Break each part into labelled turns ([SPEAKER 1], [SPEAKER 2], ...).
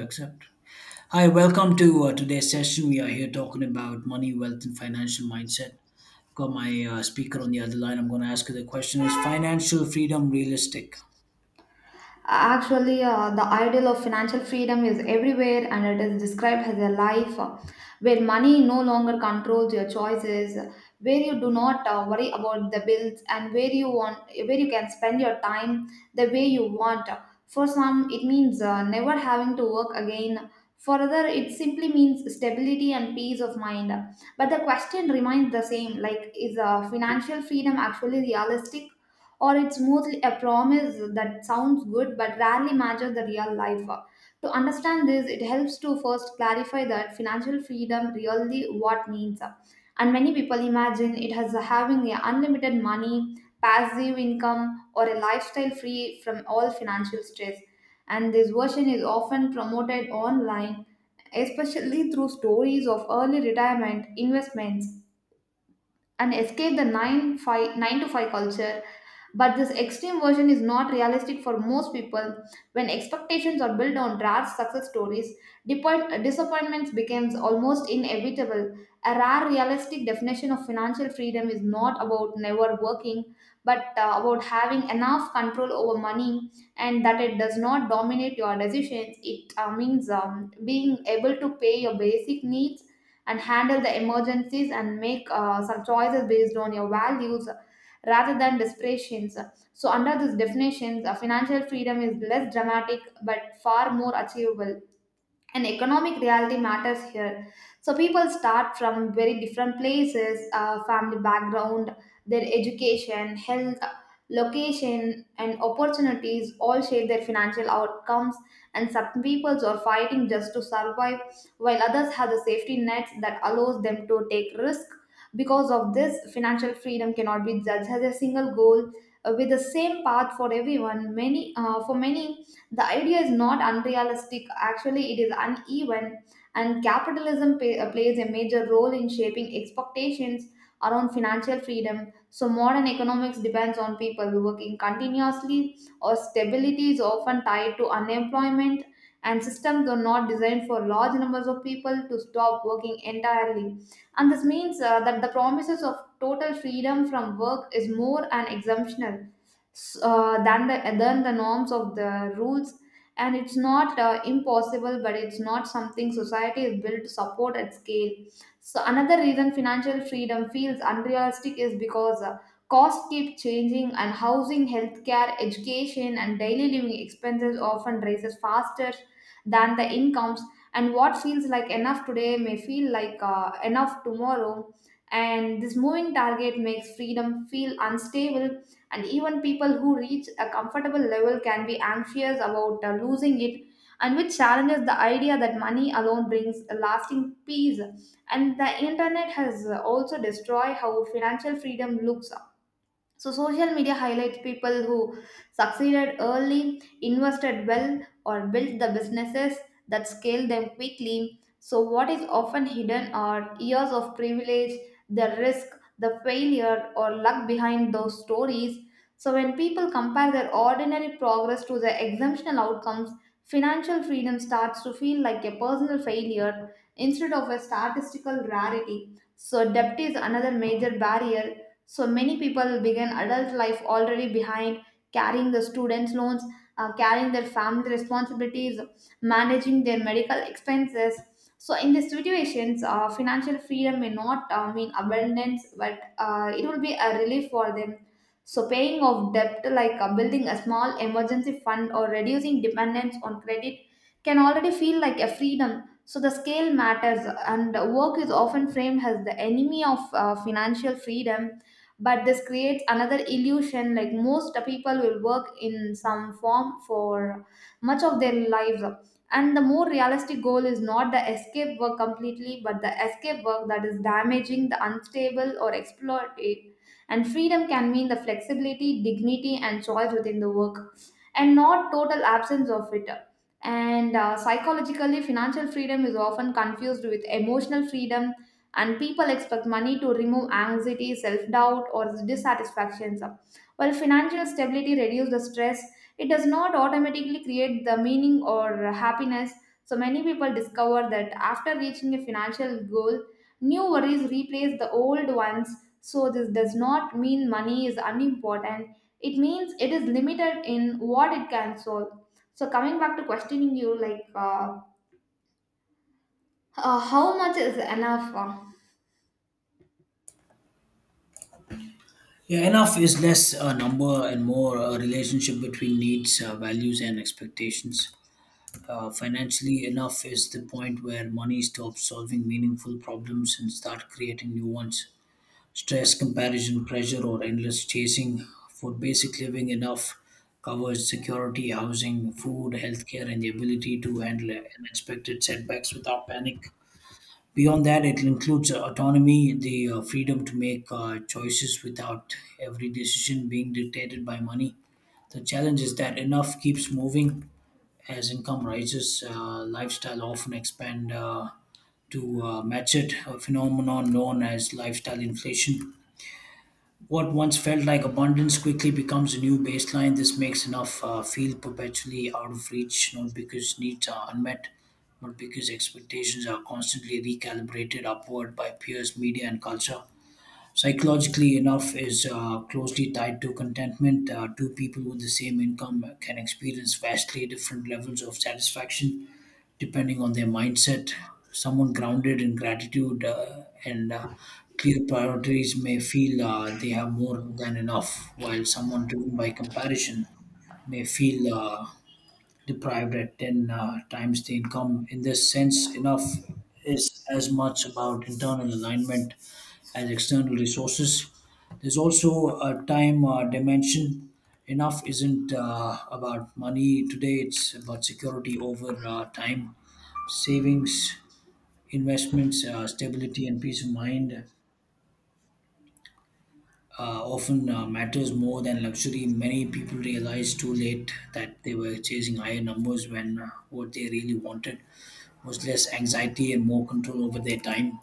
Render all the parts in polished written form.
[SPEAKER 1] Accept. Hi, welcome to today's session. We are here talking about money, wealth, and financial mindset. Got my speaker on the other line. I'm going to ask you the question: Is financial freedom realistic?
[SPEAKER 2] Actually, the ideal of financial freedom is everywhere, and it is described as a life where money no longer controls your choices, where you do not worry about the bills, and where you want where you can spend your time the way you want. For some, it means never having to work again. For other, it simply means stability and peace of mind. But the question remains the same, like is financial freedom actually realistic? Or it's mostly a promise that sounds good but rarely matches the real life. To understand this, it helps to first clarify that financial freedom really what means. And many people imagine it as having a unlimited money, passive income, or a lifestyle free from all financial stress. And this version is often promoted online, especially through stories of early retirement, investments, and escape the 9 5 9 to 5 culture. But this extreme version is not realistic for most people. When expectations are built on rare success stories, disappointments becomes almost inevitable. A rare realistic definition of financial freedom is not about never working, but about having enough control over money and that it does not dominate your decisions. It means being able to pay your basic needs and handle the emergencies and make some choices based on your values rather than desperations. So, under these definitions, financial freedom is less dramatic but far more achievable, and economic reality matters here. So people start from very different places, family background, their education, health, location, and opportunities all shape their financial outcomes. And some peoples are fighting just to survive while others have the safety nets that allows them to take risk. Because of this, financial freedom cannot be judged as a single goal with the same path for everyone. Many For many, the idea is not unrealistic, actually, it is uneven, and capitalism plays a major role in shaping expectations around financial freedom. So, modern economics depends on people working continuously, or stability is often tied to unemployment, and systems are not designed for large numbers of people to stop working entirely. And this means that the promises of total freedom from work is more an exemptional than the norms of the rules, and it's not impossible, but it's not something society is built to support at scale. So another reason financial freedom feels unrealistic is because costs keep changing, and housing, healthcare, education, and daily living expenses often rises faster than the incomes. And what feels like enough today may feel like enough tomorrow, and this moving target makes freedom feel unstable. And even people who reach a comfortable level can be anxious about losing it, and which challenges the idea that money alone brings a lasting peace. And the internet has also destroyed how financial freedom looks. So social media highlights people who succeeded early, invested well, or built the businesses that scale them quickly. So what is often hidden are years of privilege, the risk, the failure, or luck behind those stories. So when people compare their ordinary progress to their exceptional outcomes, financial freedom starts to feel like a personal failure instead of a statistical rarity. So debt is another major barrier. So many people begin adult life already behind, carrying the students' loans, carrying their family responsibilities, managing their medical expenses. So in these situations, financial freedom may not mean abundance, but it will be a relief for them. So paying off debt, like building a small emergency fund or reducing dependence on credit, can already feel like a freedom. So the scale matters, and work is often framed as the enemy of financial freedom, but this creates another illusion, like most people will work in some form for much of their lives. And the more realistic goal is not the escape work completely, but the escape work that is damaging, the unstable or exploitative. And freedom can mean the flexibility, dignity, and choice within the work, and not total absence of it. And psychologically, financial freedom is often confused with emotional freedom, and people expect money to remove anxiety, self-doubt, or dissatisfactions. While financial stability reduces the stress, it does not automatically create the meaning or happiness. So many people discover that after reaching a financial goal, new worries replace the old ones. So this does not mean money is unimportant, it means it is limited in what it can solve. So coming back to questioning you, like how much is enough?
[SPEAKER 1] Yeah, enough is less a number and more a relationship between needs, values, and expectations. Financially, enough is the point where money stops solving meaningful problems and start creating new ones. Stress, comparison, pressure, or endless chasing for basic living enough covers security, housing, food, healthcare, and the ability to handle unexpected setbacks without panic. Beyond that, it includes autonomy, the freedom to make choices without every decision being dictated by money. The challenge is that enough keeps moving as income rises, lifestyle often expand to match it, a phenomenon known as lifestyle inflation. What once felt like abundance quickly becomes a new baseline. This makes enough feel perpetually out of reach, not because needs are unmet, but because expectations are constantly recalibrated upward by peers, media, and culture. Psychologically, enough is closely tied to contentment. Two people with the same income can experience vastly different levels of satisfaction depending on their mindset. Someone grounded in gratitude and clear priorities may feel they have more than enough, while someone driven by comparison may feel deprived at 10 times the income. In this sense, enough is as much about internal alignment as external resources. There's also a time dimension. Enough isn't about money today, it's about security over time savings, investments, stability, and peace of mind often matters more than luxury. Many people realize too late that they were chasing higher numbers when what they really wanted was less anxiety and more control over their time.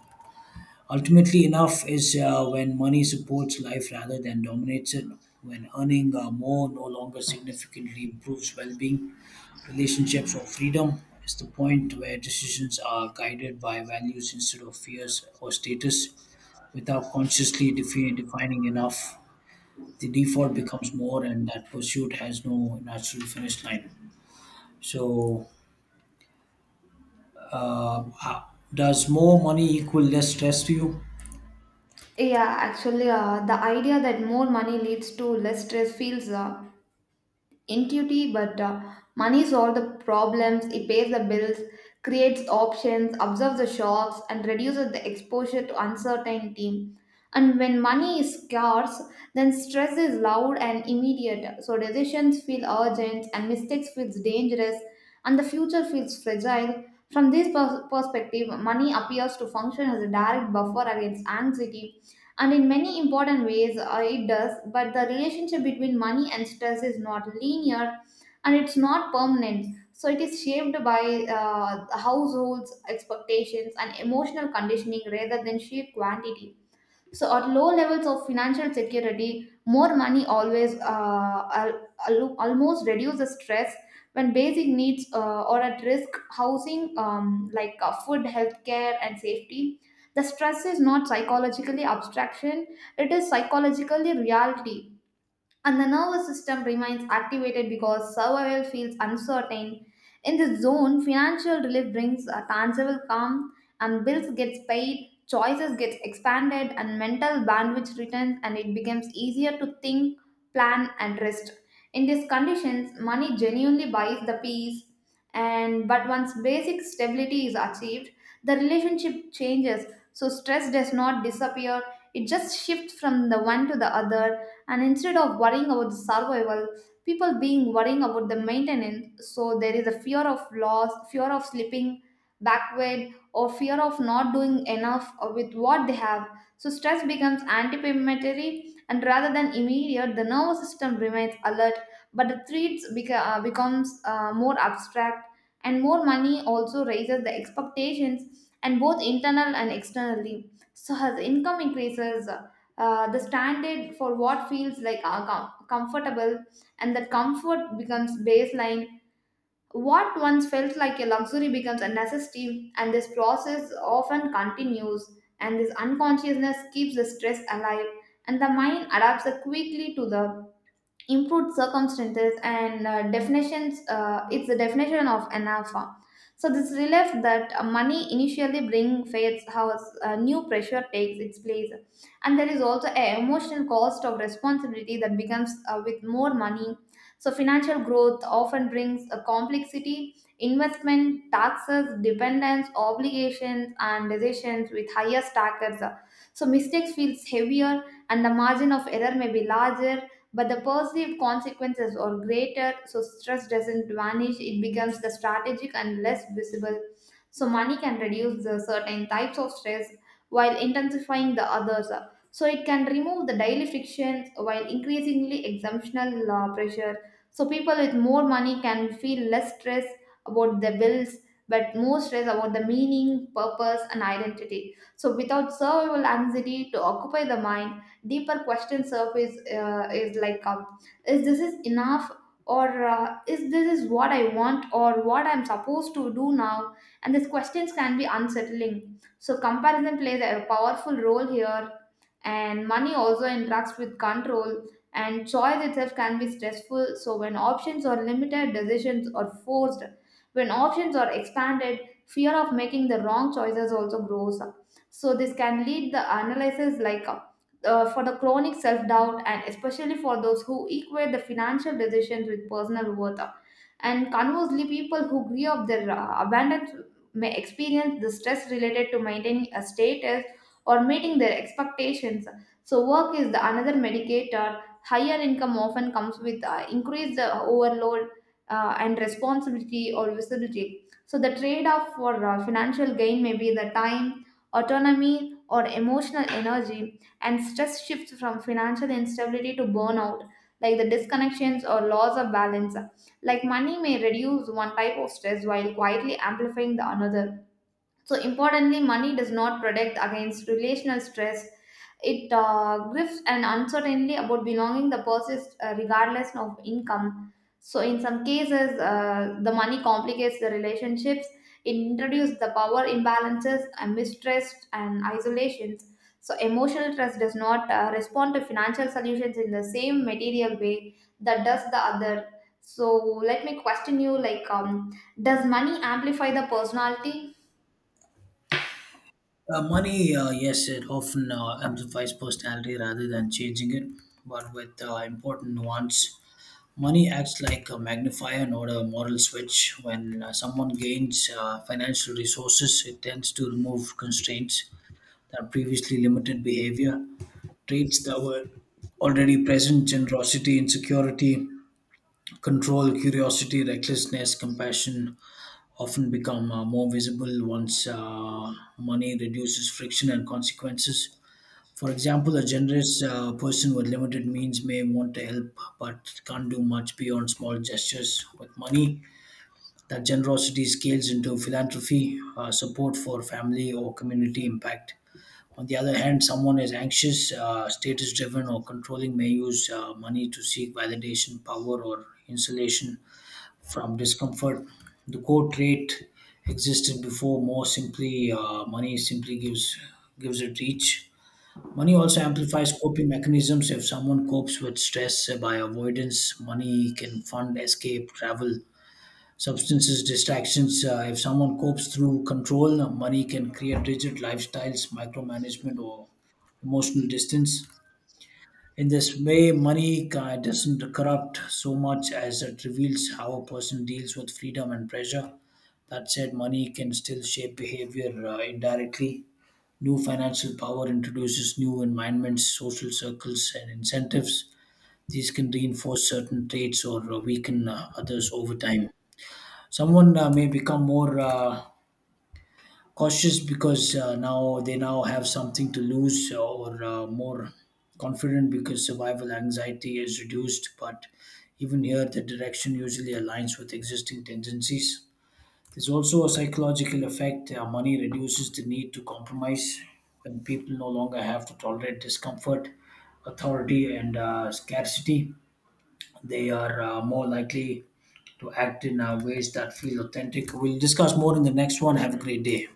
[SPEAKER 1] Ultimately, enough is when money supports life rather than dominates it. When earning more no longer significantly improves well being, relationships or freedom is the point where decisions are guided by values instead of fears or status. Without consciously defining enough, the default becomes more, and that pursuit has no natural finish line. So, uh, does more money equal less stress to you?
[SPEAKER 2] Yeah, actually, the idea that more money leads to less stress feels intuitive, but money solves the problems, it pays the bills, creates options, absorbs the shocks, and reduces the exposure to uncertainty. And when money is scarce, then stress is loud and immediate. So decisions feel urgent, and mistakes feels dangerous, and the future feels fragile. From this perspective, money appears to function as a direct buffer against anxiety, and in many important ways it does. But the relationship between money and stress is not linear, and it's not permanent. So it is shaped by households, expectations, and emotional conditioning rather than sheer quantity. So at low levels of financial security, more money almost reduce the stress when basic needs are at risk. Housing, like food, healthcare, and safety. The stress is not psychologically abstraction; it is psychologically reality, and the nervous system remains activated because survival feels uncertain. In this zone, financial relief brings a tangible calm, and bills gets paid, choices gets expanded, and mental bandwidth returns, and it becomes easier to think, plan, and rest. In these conditions, money genuinely buys the peace. And but once basic stability is achieved, the relationship changes. So stress does not disappear, it just shifts from the one to the other. And instead of worrying about the survival, people being worrying about the maintenance. So there is a fear of loss, fear of slipping backward, or fear of not doing enough with what they have. So stress becomes anticipatory and rather than immediate, the nervous system remains alert, but the threats becomes more abstract. And more money also raises the expectations, and both internal and externally. So as income increases, the standard for what feels like comfortable, and that comfort becomes baseline. What once felt like a luxury becomes a necessity, and this process often continues, and this unconsciousness keeps the stress alive. And the mind adapts quickly to the improved circumstances, and definitions, it's the definition of an alpha. So this relief that money initially bring fades how new pressure takes its place. And there is also a emotional cost of responsibility that becomes with more money. So financial growth often brings a complexity, investment, taxes, dependence, obligations, and decisions with higher stackers. So mistakes feels heavier, and the margin of error may be larger, but the perceived consequences are greater. So stress doesn't vanish, it becomes the strategic and less visible. So, money can reduce the certain types of stress while intensifying the others. So, it can remove the daily frictions while increasingly exemptional pressure. So, people with more money can feel less stress about their bills, but more stress about the meaning, purpose, and identity. So, without survival anxiety to occupy the mind, deeper question surface is like, is this is enough? Or is this is what I want or what I'm supposed to do now? And these questions can be unsettling. So comparison plays a powerful role here, and money also interacts with control, and choice itself can be stressful. So when options are limited, decisions are forced. When options are expanded, fear of making the wrong choices also grows. So this can lead the analysis, like for the chronic self doubt, and especially for those who equate the financial decisions with personal worth. And conversely, people who grew up their abundance may experience the stress related to maintaining a status or meeting their expectations. So, work is the another medicator. Higher income often comes with increased overload and responsibility or visibility. So, the trade off for financial gain may be the time, autonomy, or emotional energy, and stress shifts from financial instability to burnout, like the disconnections or loss of balance. Like money may reduce one type of stress while quietly amplifying the another. So, importantly, money does not protect against relational stress. It grips an uncertainty about belonging that persists regardless of income. So, in some cases, the money complicates the relationships. It introduces the power imbalances, and mistrust, and isolations. So, emotional trust does not respond to financial solutions in the same material way that does the other. So, let me question you: like, does money amplify the personality?
[SPEAKER 1] Money, yes, it often amplifies personality rather than changing it, but with important nuance. Money acts like a magnifier, not a moral switch. When someone gains financial resources, it tends to remove constraints that previously limited behavior. Traits that were already present generosity, insecurity, control, curiosity, recklessness, compassion often become more visible once money reduces friction and consequences. For example, a generous person with limited means may want to help but can't do much beyond small gestures with money. That generosity scales into philanthropy, support for family or community impact. On the other hand, someone is anxious, status driven, or controlling may use money to seek validation, power, or insulation from discomfort. The core trait existed before more simply money simply gives it reach. Money also amplifies coping mechanisms. If someone copes with stress by avoidance, money can fund escape, travel, substances, distractions. If someone copes through control, money can create rigid lifestyles, micromanagement, or emotional distance. In this way, money doesn't corrupt so much as it reveals how a person deals with freedom and pressure. That said, money can still shape behavior indirectly. New financial power introduces new environments, social circles, and incentives. These can reinforce certain traits or weaken others over time. Someone may become more cautious because now have something to lose, or more confident because survival anxiety is reduced. But even here, the direction usually aligns with existing tendencies. There's also a psychological effect. Money reduces the need to compromise when people no longer have to tolerate discomfort, authority, and scarcity. They are more likely to act in ways that feel authentic. We'll discuss more in the next one. Have a great day.